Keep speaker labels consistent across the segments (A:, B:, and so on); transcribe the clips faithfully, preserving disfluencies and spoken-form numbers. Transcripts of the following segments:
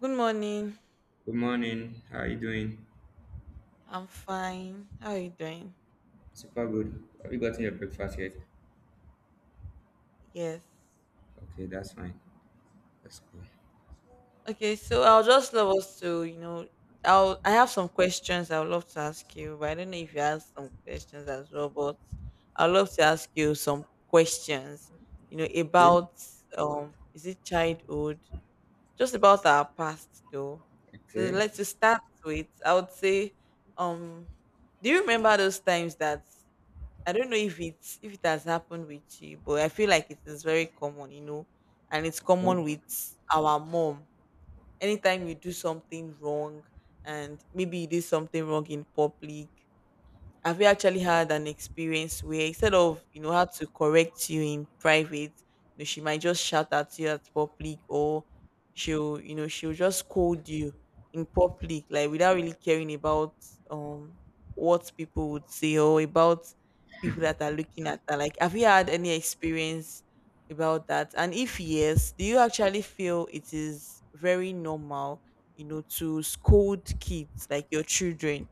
A: Good morning.
B: Good morning. How are you doing?
A: I'm fine. How are you doing?
B: Super good. Have you gotten your breakfast yet?
A: Yes.
B: Okay, that's fine. That's cool.
A: Okay, so I'll just love us to, you know, I'll I have some questions I would love to ask you, but I don't know if you have some questions as well, but I'd love to ask you some questions, you know,
B: Okay,
A: about um is it childhood? Just about our past though. So
B: okay,
A: let's just start with I would say, um, do you remember those times that I don't know if it's if it has happened with you, but I feel like it is very common, you know, and it's common
B: okay.
A: with our mom. Anytime you do something wrong, and maybe you did something wrong in public, have you actually had an experience where instead of you know how to correct you in private, you know, she might just shout at you at public, or she'll you know she'll just scold you in public, like without really caring about um what people would say or about people that are looking at her. Like, have you had any experience about that? And if yes, do you actually feel it is very normal, you know, to scold kids like your children?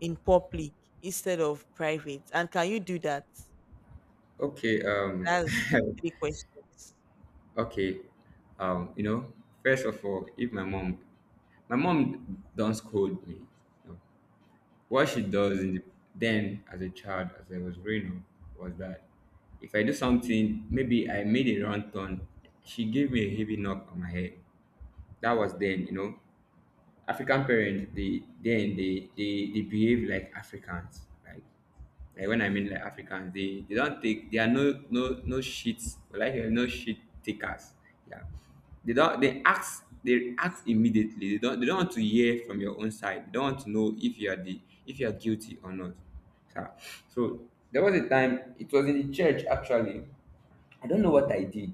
A: in public instead of private? And can you do that?
B: Okay, um
A: That's three questions.
B: okay. Um, you know, first of all, if my mom my mom don't scold me. You know. What she
A: Okay.
B: does in the, then as a child, as I was growing up, was that if I do something, maybe I made a wrong turn, she gave me a heavy knock on my head. That was then, you know. African parents they then they they they behave like Africans. Like like
A: Yes.
B: when I mean like
A: Yes.
B: Africans, they they don't take they are no no no shit like uh, no shit takers. Yeah. They don't they ask they act immediately. They don't they don't want to hear from your own side. They don't want to know if you are the if you are guilty or not. So, so there was a time it was in the church actually. I don't know what I did.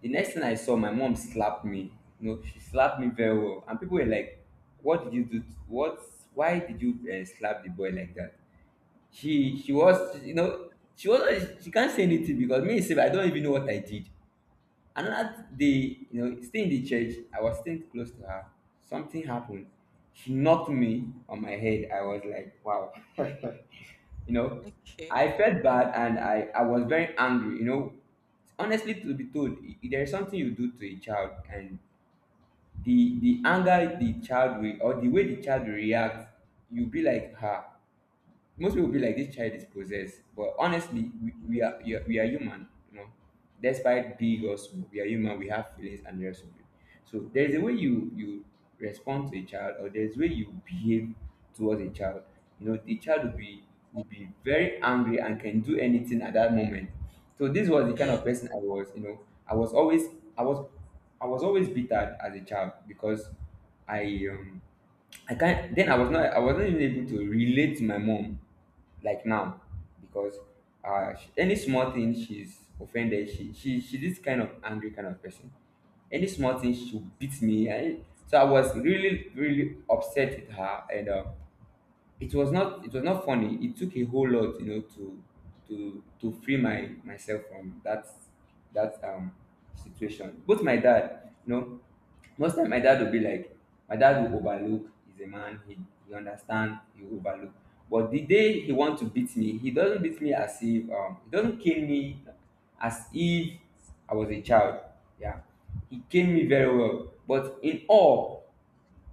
B: The next thing I saw, my mom slapped me. You know, she slapped me very well, and people were like, "What did you do? To- what? Why did you uh, slap the boy like that?" She she was, you know, she was she can't say anything because me sef I don't even know what I did. Another day, you know, still in the church, I was still close to her. Something happened. She knocked me on my head. I was like, "Wow." You know,
A: Okay.
B: I felt bad and i i was very angry, you know. Honestly to be told, if there is something you do to a child and the the anger the child will or the way the child will react, you'll be like her most people will be like this child is possessed. But honestly, we, we are we are we are human, you know. Despite big or small, we are human, we have feelings and the rest of it. So there's a way you you respond to a child, or there's way you behave towards a child, you know, the child will be will be very angry and can do anything at that moment. So this was the kind of
A: Yes.
B: person I was, you know. i was always i was I was always bitter as a child because I um I can't then I was not I wasn't even able to relate to my mom like now, because uh she, any small thing she's offended she she she this kind of angry kind of person. Any small thing she beats me, I, so I was really really upset with her, and uh, it was not it was not funny. It took a whole lot, you know, to to to free my myself from that that um situation. Both my dad, you know, most time my dad will be like my dad will overlook, he's a man, he, he understand, he will overlook. But the day he want to beat me, he doesn't beat me as if um he doesn't cane me as if I was a child. Yeah, he cane me very well. But in all,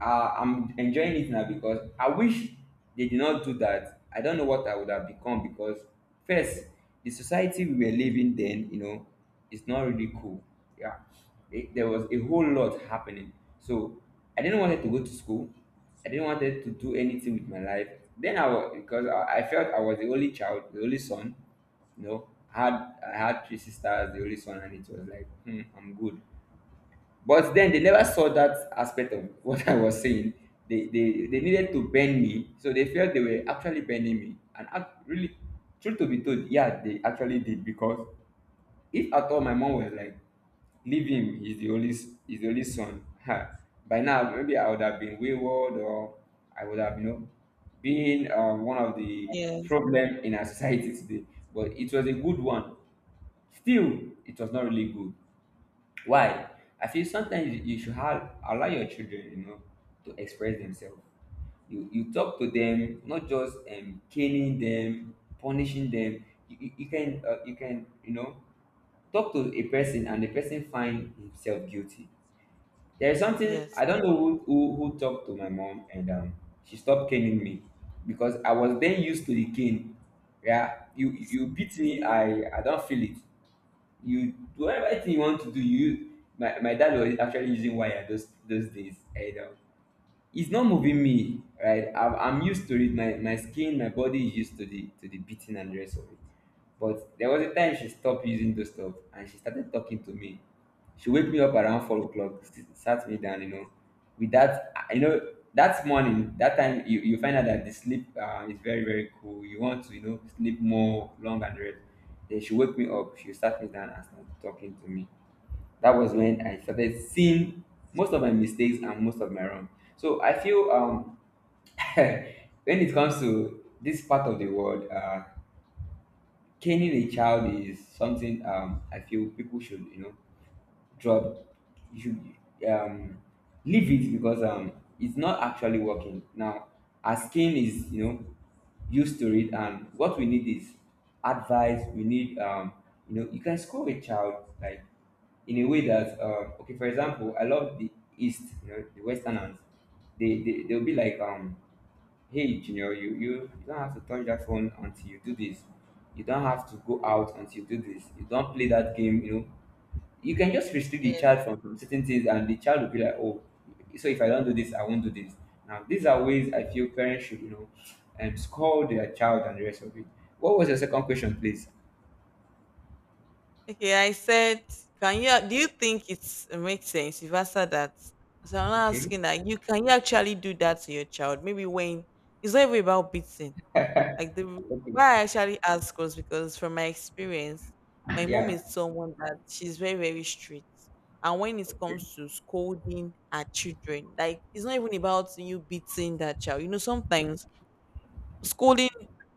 B: uh, I'm enjoying it now because I wish they did not do that. I don't know what I would have become because first, the society we were living then, you know, is not really cool. Yeah, it- there was a whole lot happening. So I didn't wanted to go to school. I didn't wanted to do anything with my life. Then I was because I, I felt I was the only child, the only son. You know, I had I had three sisters, the only son, and it was like, hmm, I'm good. But then they never saw that aspect of what I was saying. They, they, they needed to bend me, so they felt they were actually bending me. And I really, truth to be told, yeah, they actually did. Because if at all my mom was like, "Leave him, he's the only, s- he's the only son," ha, by now maybe I would have been wayward, or I would have, you know, been um, one of the
A: Yes.
B: problem in our society today. But it was a good one. Still, it was not really good. Why? I feel sometimes you you should have allow your children, you know, to express themselves. You you talk to them, not just um, caning them, punishing them. You, you, you can uh, you can, you know, talk to a person and the person find himself guilty. There is something
A: Yes.
B: I
A: That
B: don't know who who, who talked to my mom, and um, she stopped caning me because I was then used to the cane. Yeah, you
A: is.
B: you beat me, I I don't feel it you whatever thing you want to do you my, my dad was actually using wire those those days, and um, it's not moving me right. I'm, I'm used to it, my, my skin my body is used to the to the beating and the rest of it. But there was a time she stopped using those stuff and she started talking to me. She wake me up around four o'clock, s- sat me down, you know. With that, I- you know, that morning, that time, you, you find out that the sleep uh, is very, very cool. You want to, you know, sleep more long and rest. Then she wake me up, she sat me down and started talking to me. That was when I started seeing most of my mistakes and most of my wrong. So I feel um, when it comes to this part of the world, uh, caning a child is something, um, I feel people should, you know, drop, you should, um, leave it because um, it's not actually working. Now, our skin is, you know, used to it, and what we need is advice. We need, um, you know, you can scold a child like in a way that, um, okay, for example, I love the East, you know, the Westerners. They, they, they'll be like, um, hey junior, you, you you don't have to touch that phone until you do this. You don't have to go out until you do this. You don't play that game, you know, you can just restrict the
A: Yeah.
B: child from from certain things, and the child will be like, oh, so if I don't do this, I won't do this. Now these are ways I feel parents should, you know, um, scold their child and the rest of it. What was your second question, please?
A: Okay. I said, can you? Do you think it's it makes sense? You've answered that. So I'm not
B: Okay,
A: asking that. You can you actually do that to your child? Maybe when it's not even about beating. Like, the
B: okay,
A: why I actually ask was because from my experience, my mom
B: yeah,
A: is someone that she's very, very strict. And when it
B: okay,
A: comes to scolding her children, like it's not even about you beating that child. You know, sometimes scolding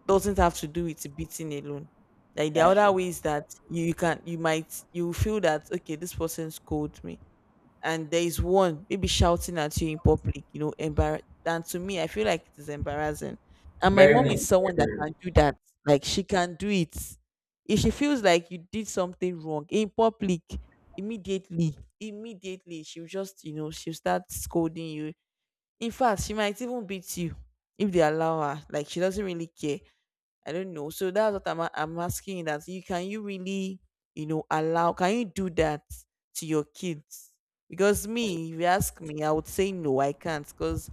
A: doesn't have to do with beating alone. Like the
B: that's
A: other
B: true.
A: ways that you you can you might you feel that okay, this person scolded me and there is one maybe shouting at you in public, you know, embarrass. And to me, I feel like it is embarrassing. And my
B: Very
A: mom is
B: much, very,
A: someone that
B: very much.
A: can do that. Like she can do it. If she feels like you did something wrong in public, immediately, immediately, she'll just, you know, she'll start scolding you. In fact, she might even beat you if they allow her. Like she doesn't really care. I don't know. So that's what I'm, a- I'm asking that you can you really, you know, allow can you do that to your kids? Because me, if you ask me, I would say no, I can't because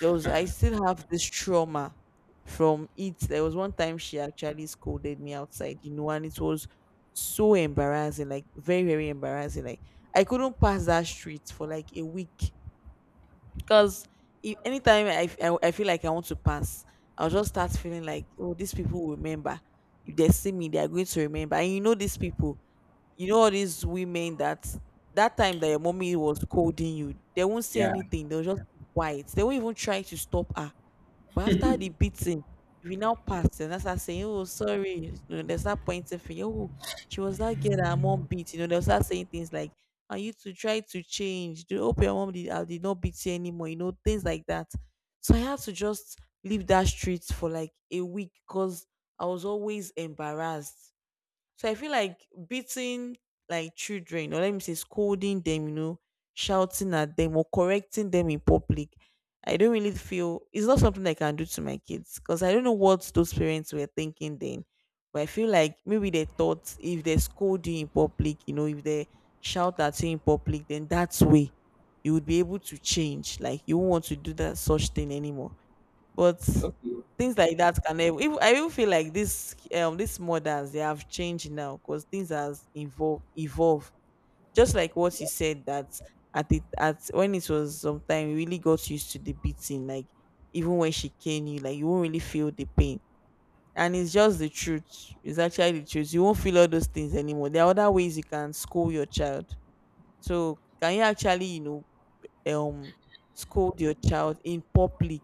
A: there was I still have this trauma from it. There was one time she actually scolded me outside, you know, and it was so embarrassing, like very, very embarrassing. Like I couldn't pass that street for like a week. Because if anytime I, f- I I feel like I want to pass, I'll just start feeling like, oh, these people will remember. If they see me, they are going to remember. And you know these people, you know all these women that that time that your mommy was scolding you, they won't say
B: Yeah,
A: anything. They'll just keep quiet. They won't even try to stop her, but after the beating, if you now pass and that's start saying, "Oh, sorry." You know, they start pointing for you. Oh, she was that girl that her mom beat. You know, they'll start saying things like, "Are you to try to change? Do hope your mom did, I did not beat you anymore." You know, things like that. So I had to just leave that street for like a week because I was always embarrassed. So I feel like beating like children, or let me say scolding them, you know, shouting at them or correcting them in public, I don't really feel it's not something I can do to my kids because I don't know what those parents were thinking then. But I feel like maybe they thought if they scold you in public, you know, if they shout at you in public, then that's way you would be able to change. Like you won't want to do that such thing anymore, but
B: okay,
A: things like that can ev- even I even feel like this um these mothers they have changed now because things has evolved evolved. Just like what you said that at it at when it was sometime you really got used to the beating, like even when she came you, like you won't really feel the pain. And it's just the truth. It's actually the truth. You won't feel all those things anymore. There are other ways you can school your child. So can you actually, you know, um scold your child in public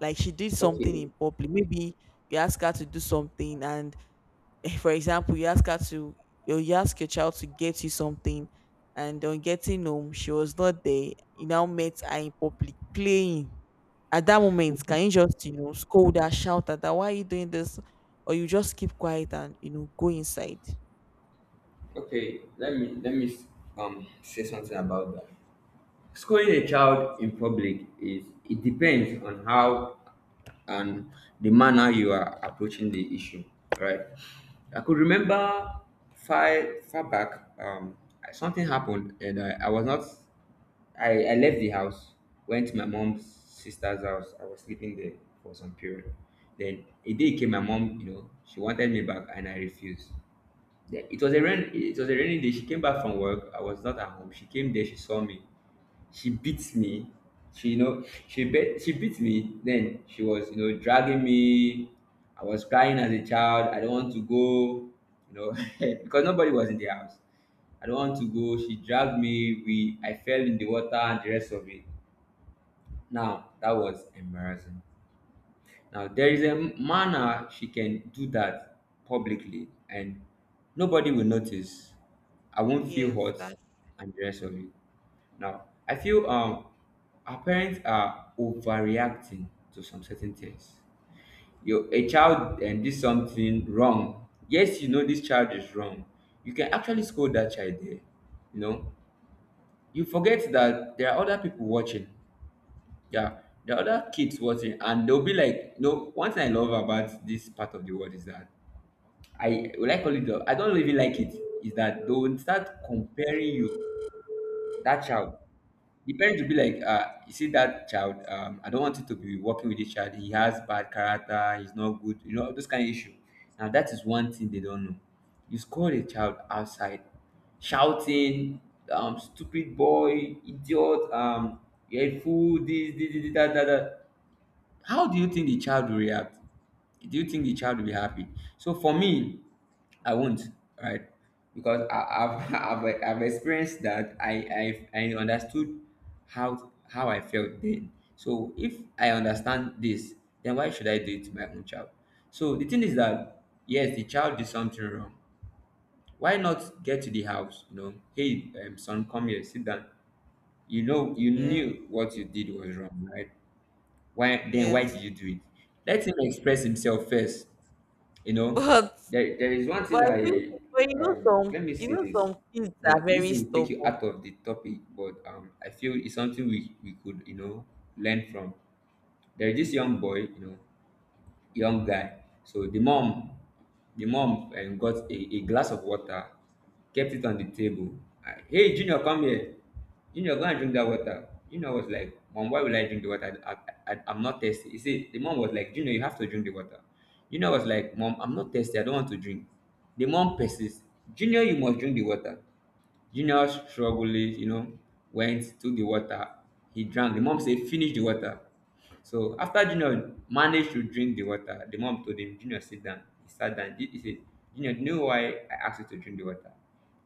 A: like she did something
B: okay.
A: in public maybe you ask her to do something and for example, you ask her to, you you ask your child to get you something, and on getting home, she was not there. You now met her in public playing. At that moment, can you just, you know, scold her, shout at her, why are you doing this? Or you just keep quiet and, you know, go inside.
B: Okay, let me let me um say something about that. Scolding a child in public is it depends on how and the manner you are approaching the issue, right? I could remember far far back, um, something happened and I, I was not. I, I left the house, went to my mom's sister's house. I was sleeping there for some period. Then a day came, my mom, you know, she wanted me back and I refused. Then it was a rain. It was a rainy day. She came back from work. I was not at home. She came there. She saw me she beats me. She, you know, she bet she beat me. Then she was, you know, dragging me. I was crying as a child. I don't want to go, you know, because nobody was in the house. I don't want to go. She dragged me. We, I fell in the water and the rest of it. Now that was embarrassing. Now there is a manner she can do that publicly, and nobody will notice. I won't feel
A: Yes,
B: hurt
A: that,
B: and the rest of it. Now, I feel um our parents are overreacting to some certain things. Your a child and did something wrong. Yes, you know this child is wrong. You can actually scold that child there. You know, you forget that there are other people watching. Yeah, there are other kids watching, and they'll be like, you know, one thing I love about this part of the world is that I will I call it, the- I don't even like it. Is that they will start comparing you that child. The parents will be like, uh, you see that child, um, I don't want you to be working with this child. He has bad character, he's not good, you know, those kind of issue. Now that is one thing they don't know. You scold a child outside, shouting, um, stupid boy, idiot, um, you're a fool, this, this, this, that, that, that. How do you think the child will react? Do you think the child will be happy? So for me, I won't, right? Because I, I've, I've I've experienced that. I I I understood how how I felt then. So if I understand this, then why should I do it to my own child? So the thing is that yes, the child did something wrong. Why not get to the house? You know, hey um, son, come here, sit down. You know, you
A: yeah,
B: knew what you did was wrong, right? Why then why did
A: yes.
B: you do it? Let him express himself first, you know.
A: But
B: There, there is one thing
A: But I think
B: i
A: but you know
B: um
A: some
B: let me
A: you
B: say
A: know
B: this.
A: some kids
B: No,
A: are
B: this
A: very
B: will take you
A: stubborn.
B: out of the topic, but um I feel it's something we we could, you know, learn from. There is this young boy, you know, young guy. So the mom, the mom um got a a glass of water, kept it on the table, and, hey Junior, come here, Junior, go and drink that water. Junior was like, mom, why will I drink the water? I, I, I I'm not thirsty. You see, the mom was like, Junior, you have to drink the water. Junior was like, mom, I'm not thirsty, I don't want to drink. The mom persists, Junior, you must drink the water. Junior strugglingly, you know, went, took the water. He drank. The mom said, finish the water. So after Junior managed to drink the water, the mom told him, Junior, sit down. He sat down. He he said, Junior, do you know why I asked you to drink the water?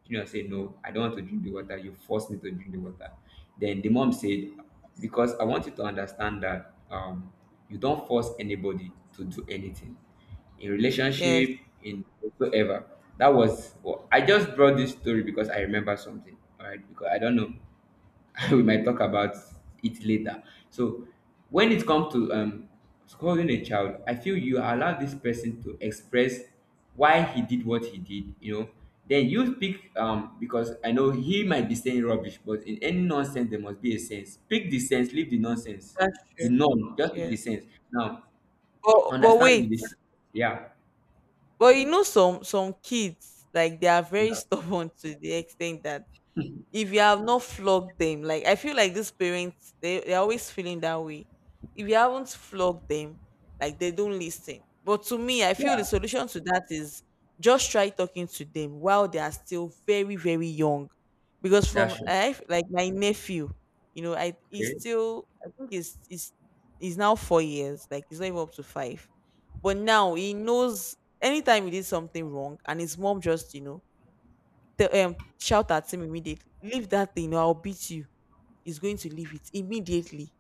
B: Junior said, no, I don't want to drink the water. You forced me to drink the water. Then the mom said, because I want you to understand that um, you don't force anybody to do anything in
A: Yes,
B: relationship, in whatsoever. That was well, I just brought this story because I remember something, all right? Because I don't know, we might talk about it later. So when it comes to um scolding a child, I feel you allow this person to express why he did what he did, you know. Then you speak um because I know he might be saying rubbish, but in any nonsense there must be a sense. Pick the sense, leave the nonsense.
A: that's
B: The
A: true.
B: norm, just pick
A: Yes.
B: the sense. Now
A: But but
B: understand the
A: wait.
B: yeah.
A: But, you know some some kids like they are very
B: Yeah.
A: stubborn to the extent that if you have not flogged them, like I feel like these parents, they, they're always feeling that way. If you haven't flogged them, like they don't listen, but to me I feel the
B: Yeah,
A: solution to that is just try talking to them while they are still very, very young, because from
B: that's true.
A: I like my nephew. you know i he's
B: Okay.
A: still i think he's he's he's now four years, like he's not even up to five. But now he knows anytime he did something wrong and his mom just you know Tell um shout at him immediately. Leave that thing or I'll beat you. He's going to leave it immediately.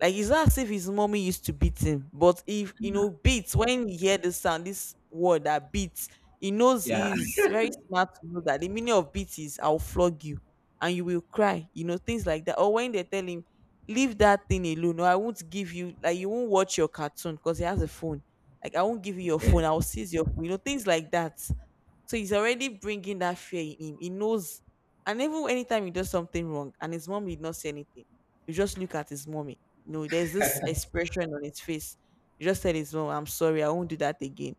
A: Like it's not as if his mommy used to beat him, but if you know beats, when he hear the sound, this word that beats, he knows
B: Yeah.
A: he's very smart to know that the meaning of beat is I'll flog you and you will cry, you know, things like that. Or when they tell him, leave that thing alone, or I won't give you, like you won't watch your cartoon because he has a phone. Like I won't give you your phone,
B: Okay.
A: I'll seize your phone, you know, things like that, so he's already bringing that fear in him. He knows. And even anytime he does something wrong and his mom did not say anything, you just look at his mommy. You know, there's this expression on his face. You just tell his mom, I'm sorry, I won't do that again.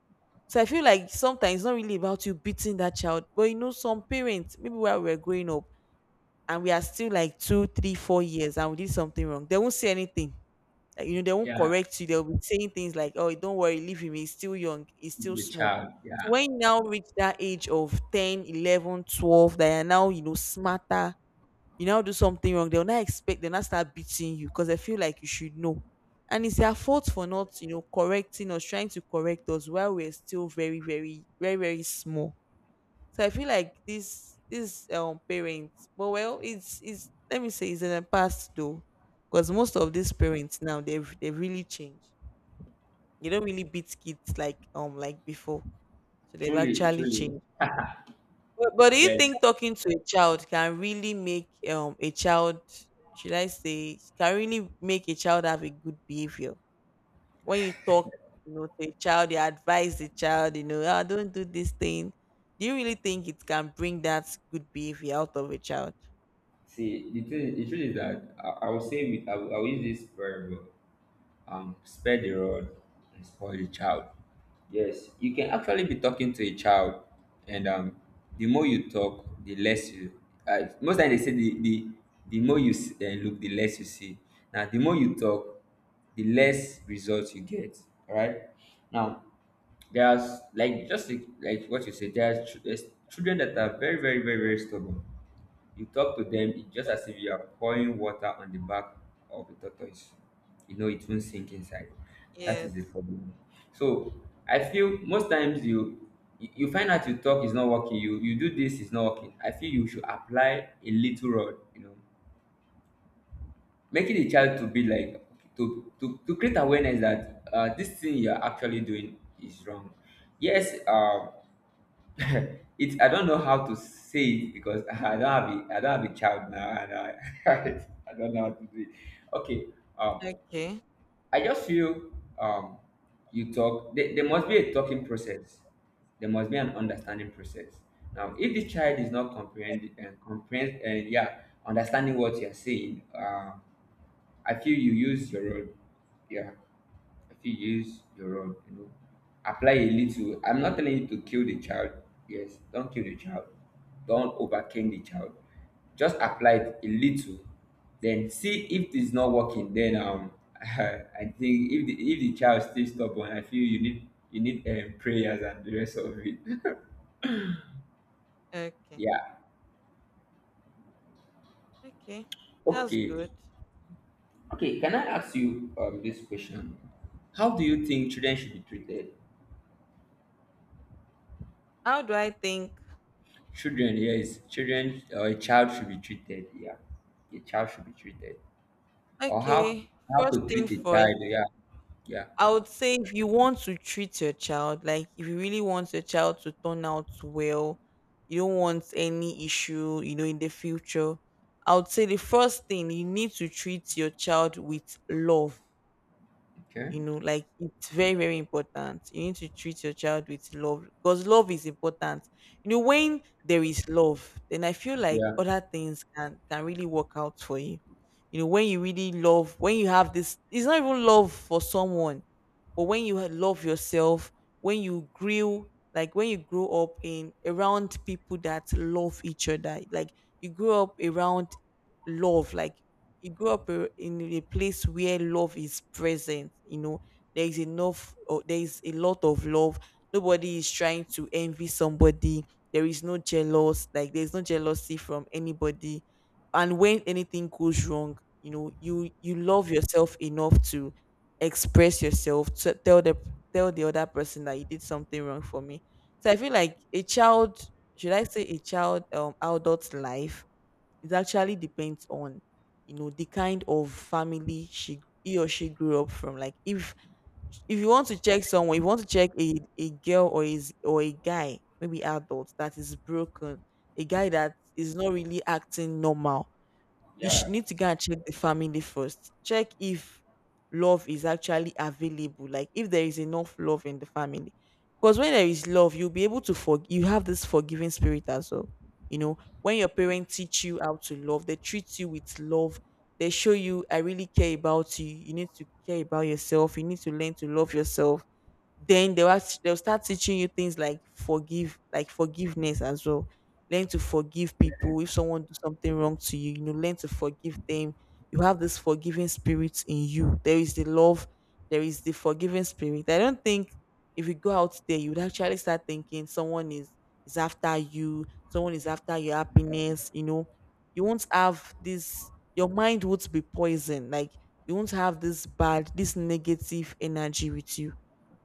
A: So I feel like sometimes it's not really about you beating that child, but you know, some parents, maybe while we were growing up and we are still like two, three, four years and we did something wrong, they won't say anything. Like, you know, they won't
B: Yeah.
A: correct you. They'll be saying things like, "Oh, don't worry, leave him. He's still young. He's still
B: The
A: small."
B: child.
A: So
B: Yeah.
A: when you now reach that age of ten, eleven, twelve, eleven, that you're now, you know, smarter, you now do something wrong, they'll not expect, they'll not start beating you because they feel like you should know. And it's their fault for not, you know, correcting us, trying to correct us while we're still very, very, very, very small. So I feel like this this um parents, but well, it's it's let me say, it's in the past though, because most of these parents now they've they've really changed. They don't really beat kids like um like before, so they've
B: Truly,
A: actually
B: truly.
A: changed. But, but do you
B: Yes.
A: think talking to a child can really make um a child, should I say, can really make a child have a good behavior? When you talk, you know, to a child, you advise the child, you know, ah, don't do this thing. Do you really think it can bring that good behavior out of a child?
B: See, the thing, the truth is that I, I will say with I will, I will use this verb. um, spare the rod and spoil the child. Yes, you can actually be talking to a child, and um, the more you talk, the less you. Uh, most times they say the the, the more you s- uh, look, the less you see. Now, the more you talk, the less results you get. All right. Now, there's like just like, like what you said. There's, ch- there's children that are very very very very stubborn. You talk to them, it's just as if you are pouring water on the back of the tortoise. You know, it won't sink inside. That is the
A: Yes.
B: problem. So I feel most times you you you find out you talk is not working, you you do this is not working. I feel you should apply a little rod, you know, making the child to be like to to, to create awareness that uh, this thing you're actually doing is wrong. Yes, um it I don't know how to say it because I don't have a I don't have a child now, and I, I don't know how to do it. Okay, um,
A: Okay.
B: I just feel um, you talk. There, there must be a talking process. There must be an understanding process. Now, if the child is not comprehending and comprehend and yeah, understanding what you are saying, uh, I feel you use your own. Yeah, if you use your own, you know, apply a little. I'm not telling you to kill the child. Yes, don't kill the child. Don't overcame the child. Just apply it a little. Then see if it's not working. Then um, I think if the if the child still stubborn, I feel you need you need um, prayers and the rest of it.
A: Okay.
B: Yeah.
A: Okay. That's
B: Okay.
A: good.
B: Okay. Can I ask you um this question? How do you think children should be treated?
A: How do I think?
B: Children, yes, children or a child should be treated. Yeah, a child should be treated. Or how
A: Okay.
B: how
A: First
B: to
A: thing
B: treat a
A: first.
B: child. Yeah, yeah.
A: I would say if you want to treat your child, like if you really want your child to turn out well, you don't want any issue, you know, in the future, I would say the first thing, you need to treat your child with love,
B: Okay.
A: you know. Like it's very, very important. You need to treat your child with love because love is important. You know, when there is love, then I feel like
B: Yeah.
A: other things can can really work out for you. You know, when you really love, when you have this, it's not even love for someone, but when you ha- love yourself. When you grew like when you grow up in around people that love each other, like you grow up around love. Like he grew up uh, in a place where love is present, you know. There is enough, or there is a lot of love. Nobody is trying to envy somebody. There is no jealous, like there's no jealousy from anybody. And when anything goes wrong, you know, you you love yourself enough to express yourself, to tell the tell the other person that you did something wrong for me. So I feel like a child, should I say, a child um adult life, it actually depends on, you know, the kind of family she he or she grew up from. Like if if you want to check someone, if you want to check a, a girl, or is, or a guy, maybe adult that is broken, a guy that is not really acting normal, you should
B: Yeah.
A: need to go and check the family first. Check if love is actually available, like if there is enough love in the family. Because when there is love, you'll be able to forgive. You have this forgiving spirit as well. You know, when your parents teach you how to love, they treat you with love. They show you, I really care about you. You need to care about yourself. You need to learn to love yourself. Then they will they'll start teaching you things like forgive, like forgiveness as well. Learn to forgive people. If someone do something wrong to you, you know, learn to forgive them. You have this forgiving spirit in you. There is the love, there is the forgiving spirit. I don't think if you go out there, you would actually start thinking someone is is after you, someone is after your happiness, you know. You won't have this your mind won't be poisoned. Like you won't have this bad, this negative energy with you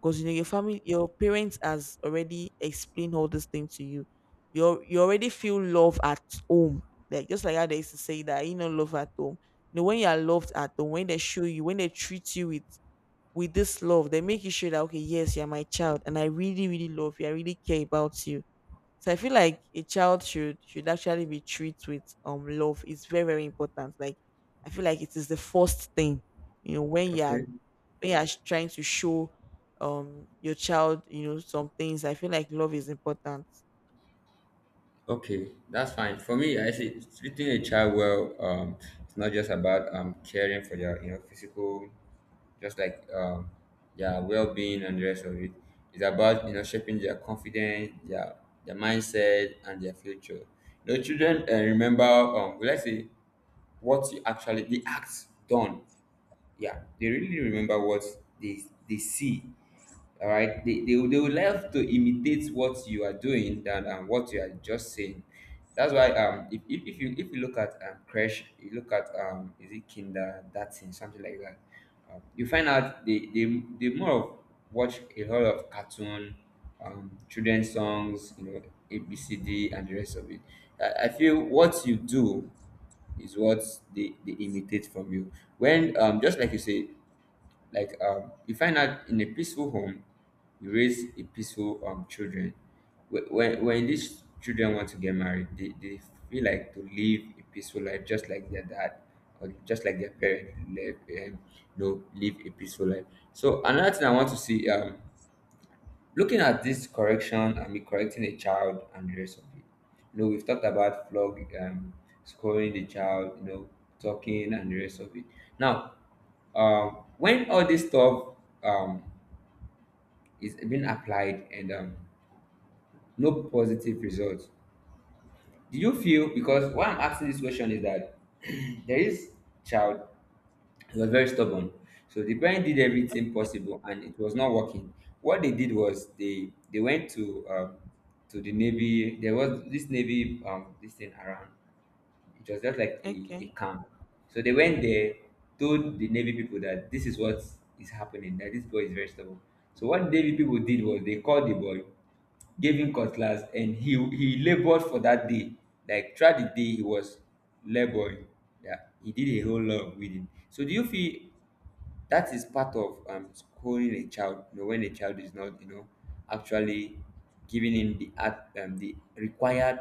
A: because you know your family your parents has already explained all this thing to you. You you already feel love at home. Like just like how they used to say that, you know, love at home. You know, when you are loved at home, when they show you, when they treat you with with this love, they make you sure that okay, yes, you're my child, and I really, really love you. I really care about you. So I feel like a child should should actually be treated with um love. It's very, very important. Like I feel like it is the first thing, you know, when you're
B: Okay.
A: when you are trying to show um your child, you know, some things, I feel like love is important.
B: Okay. That's fine. For me, I see treating a child well. Um, it's not just about um caring for their, you know, physical, just like um their well being and the rest of it. It's about, you know, shaping their confidence, their their mindset, and their future. You know, children uh, remember, um let's say what you actually the acts done, yeah, they really remember what they they see, all right, they, they, will- they would love to imitate what you are doing than um, what you are just saying. That's why um if, if, if you if you look at um crash, you look at um is it kinder that thing something like that, um, you find out they, they they more of watch a lot of cartoon, um children's songs, you know, abcd and the rest of it. i, I feel what you do is what they, they imitate from you. When um just like you say, like um, you find out in a peaceful home, you raise a peaceful um children. Wh- When when these children want to get married, they, they feel like to live a peaceful life, just like their dad or just like their parent live, um, you know, live a peaceful life. So another thing I want to see um looking at this correction, I mean, correcting a child and the rest of it. You know, we've talked about flog, um, scoring the child, you know, talking and the rest of it. Now, um, when all this stuff um, is being applied, and um, no positive results, do you feel because why I'm asking this question is that there is child. He was very stubborn. So the parents did everything possible, and it was not working. What they did was they they went to um, to the navy. There was this navy um, this thing around. It was just like a,
A: Okay.
B: a camp. So they went there, told the navy people that this is what is happening, that this boy is very stubborn. So what navy people did was they called the boy, gave him cutlass, and he he laboured for that day. Like throughout the day he was labouring, yeah, he did a whole lot of weeding. So do you feel that is part of um schooling a child? You know, when a child is not, you know, actually giving him the at um, the required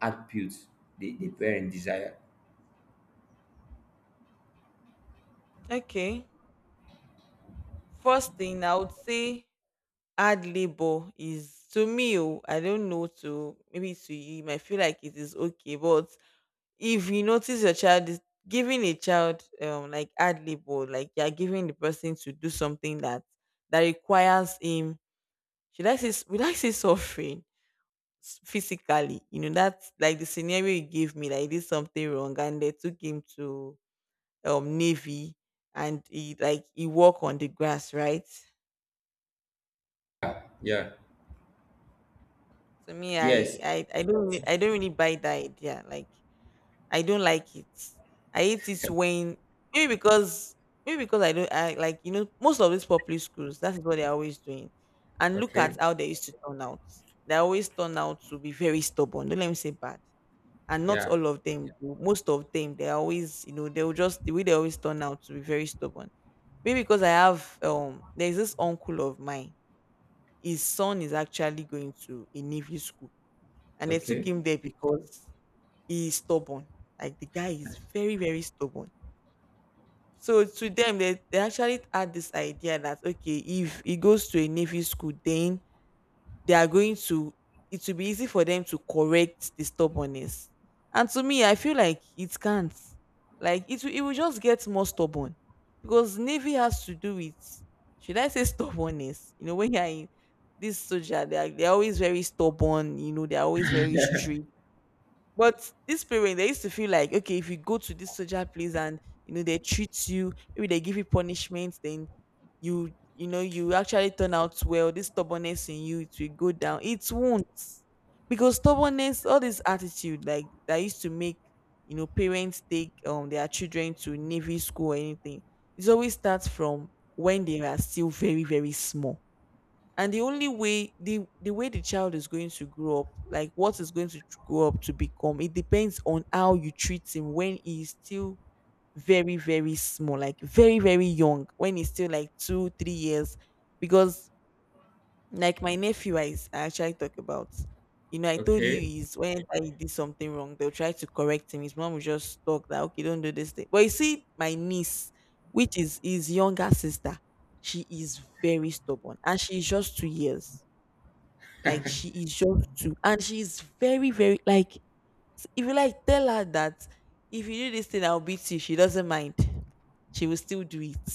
B: attributes the, the parent desire.
A: Okay. First thing, I would say hard labor is to me. Oh, I don't know, to maybe to you. You might feel like it is okay, but if you notice your child is giving a child um like hard labor, like you're giving the person to do something that that requires him. Should I say s- Would I say suffering? S- physically. You know, that's like the scenario you gave me. Like he did something wrong, and they took him to um Navy, and he like he walk on the grass, right?
B: Yeah. Yeah.
A: To me,
B: Yes.
A: I I, I don't really- I don't really buy that idea. Like I don't like it. I hate it when, maybe because maybe because I don't I like, you know, most of these public schools, that is what they're always doing. And look at
B: Okay.
A: how they used to turn out. They always turn out to be very stubborn. Don't let me say bad, and not
B: Yeah.
A: all of them, yeah, do. Most of them, they are always, you know, they'll just the way they always turn out to be very stubborn. Maybe because I have um there's this uncle of mine. His son is actually going to a navy school, and they took
B: Okay.
A: him there because he is stubborn. Like the guy is very, very stubborn. So to them, they, they actually had this idea that okay, if he goes to a navy school, then they are going to it will be easy for them to correct the stubbornness. And to me, I feel like it can't. Like it will, it will just get more stubborn because navy has to do with, should I say, stubbornness? You know, when you're in this soldier, they are they're always very stubborn. You know, they're always very strict. But these parents, they used to feel like, okay, if you go to this social place, and you know, they treat you, maybe they give you punishment, then you you know you actually turn out well. This stubbornness in you, it will go down. It won't, because stubbornness, all this attitude like that used to make, you know, parents take um their children to navy school or anything. It always starts from when they are still very, very small. And the only way, the the way the child is going to grow up, like what is going to tr- grow up to become, it depends on how you treat him when he's still very, very small, like very, very young, when he's still like two three years, because like my nephew, i, s- I actually talk about, you know, I told
B: Okay.
A: you is when I did something wrong, they'll try to correct him. His mom will just talk that okay, don't do this thing. But you see my niece, which is his younger sister, she is very stubborn, and she's just two years. Like she is just too, and she is very, very, like s- if you like tell her that, if you do this thing, I'll beat you, she doesn't mind. She will still do it.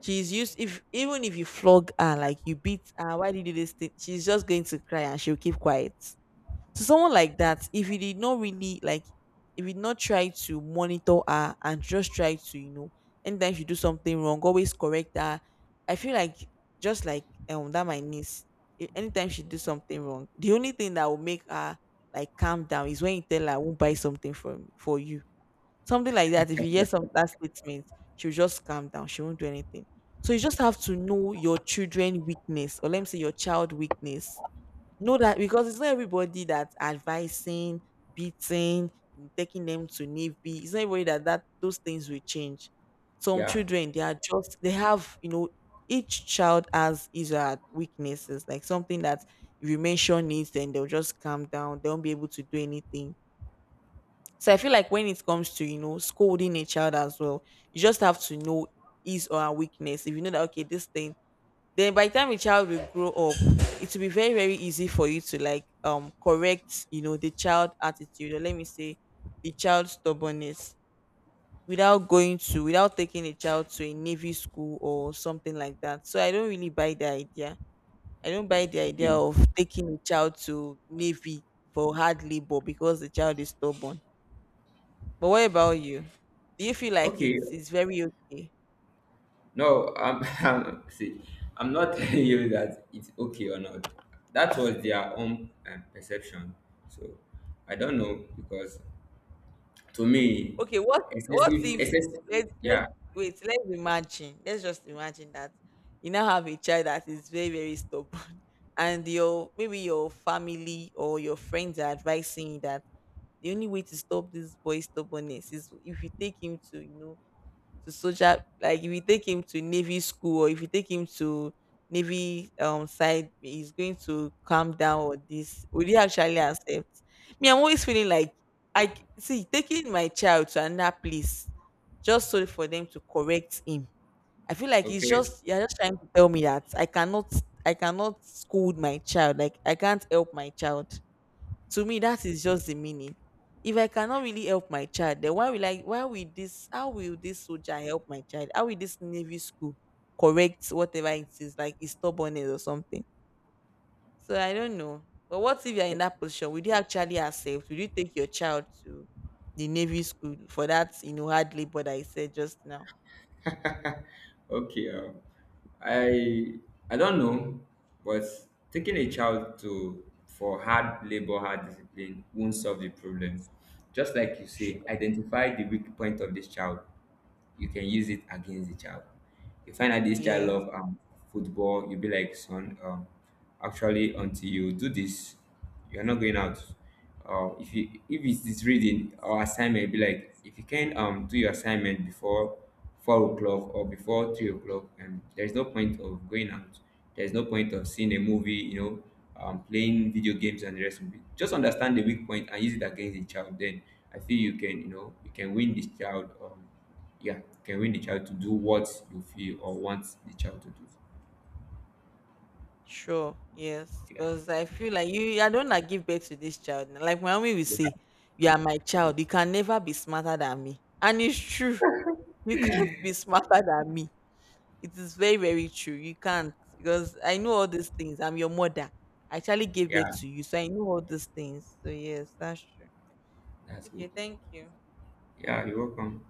A: She's used. If even if you flog her, like you beat her, why did you do this thing? She's just going to cry and she'll keep quiet. To someone like that, if you did not really like if you did not try to monitor her and just try to, you know, anytime she do something wrong, always correct her. I feel like, just like um that my niece, a- anytime she do something wrong, the only thing that will make her like calm down is when you tell her, I won't buy something from for you, something like that. If you hear some that statement, she'll just calm down. She won't do anything. So you just have to know your children weakness, or let me say your child weakness. Know that, because it's not everybody that's advising, beating, taking them to navy. It's not everybody that, that those things will change. Some
B: Yeah.
A: children, they are just they have, you know, each child has his or her weaknesses, like something that if you mention it, then they'll just calm down. They won't be able to do anything. So I feel like when it comes to, you know, scolding a child as well, you just have to know his or her weakness. If you know that okay, this thing, then by the time a child will grow up, it will be very, very easy for you to like um correct, you know, the child attitude, or let me say the child stubbornness, without going to without taking a child to a navy school or something like that. So I don't really buy the idea. I don't buy the idea of taking a child to navy for hard labor because the child is stubborn. But what about you? Do you feel like
B: Okay.
A: it's it's very okay?
B: No, I'm, I'm see, I'm not telling you that it's okay or not. That was their own um, perception. So I don't know because to me,
A: Okay, what what
B: excessive,
A: if you
B: excessive,
A: let's
B: yeah,
A: let's wait. Let's imagine. Let's just imagine that you now have a child that is very, very stubborn and your maybe your family or your friends are advising you that the only way to stop this boy's stubbornness is if you take him to, you know, to, social, like if you take him to navy school, or if you take him to navy um side, he's going to calm down. Or this, would he actually accept? Me, I'm always feeling like I c- see taking my child to another place just so for them to correct him. I feel like it's
B: okay.
A: just, you're just trying to tell me that I cannot, i cannot scold my child, like I can't help my child. To me, that is just the meaning. If I cannot really help my child, then why will I why will this how will this soldier help my child? How will this navy school correct whatever it is, like his stubbornness or something? So I don't know. But what if you're in that position? Would you actually accept? Would you take your child to the navy school for that, you know, hard labor that I said just now?
B: Okay, um, I I don't know, but taking a child to for hard labor, hard discipline won't solve the problem. Just like you say,
A: Sure.
B: identify the weak point of this child. You can use it against the child. You find out this child
A: Yeah.
B: love um, football. You be like, son, um, actually, until you do this, you're not going out. Uh, if you if it's this reading or assignment, be like if you can um do your assignment before four o'clock or before three o'clock, and there's no point of going out. There's no point of seeing a movie, you know, um, playing video games and the rest of it. Just understand the weak point and use it against the child. Then I feel you can, you know, you can win this child. Um, yeah, you can win the child to do what you feel or want the child to do.
A: Sure, yes,
B: Yeah,
A: because I feel like you, I don't like give birth to this child. Na. Like my mommy will
B: yeah,
A: say, "You are my child. You can never be smarter than me," and it's true. You can't be smarter than me. It is very, very true. You can't, because I know all these things. I'm your mother. I actually gave birth
B: yeah.
A: to you, so I know all these things. So yes, that's true.
B: That's good.
A: Okay, thank you.
B: Yeah, you're welcome.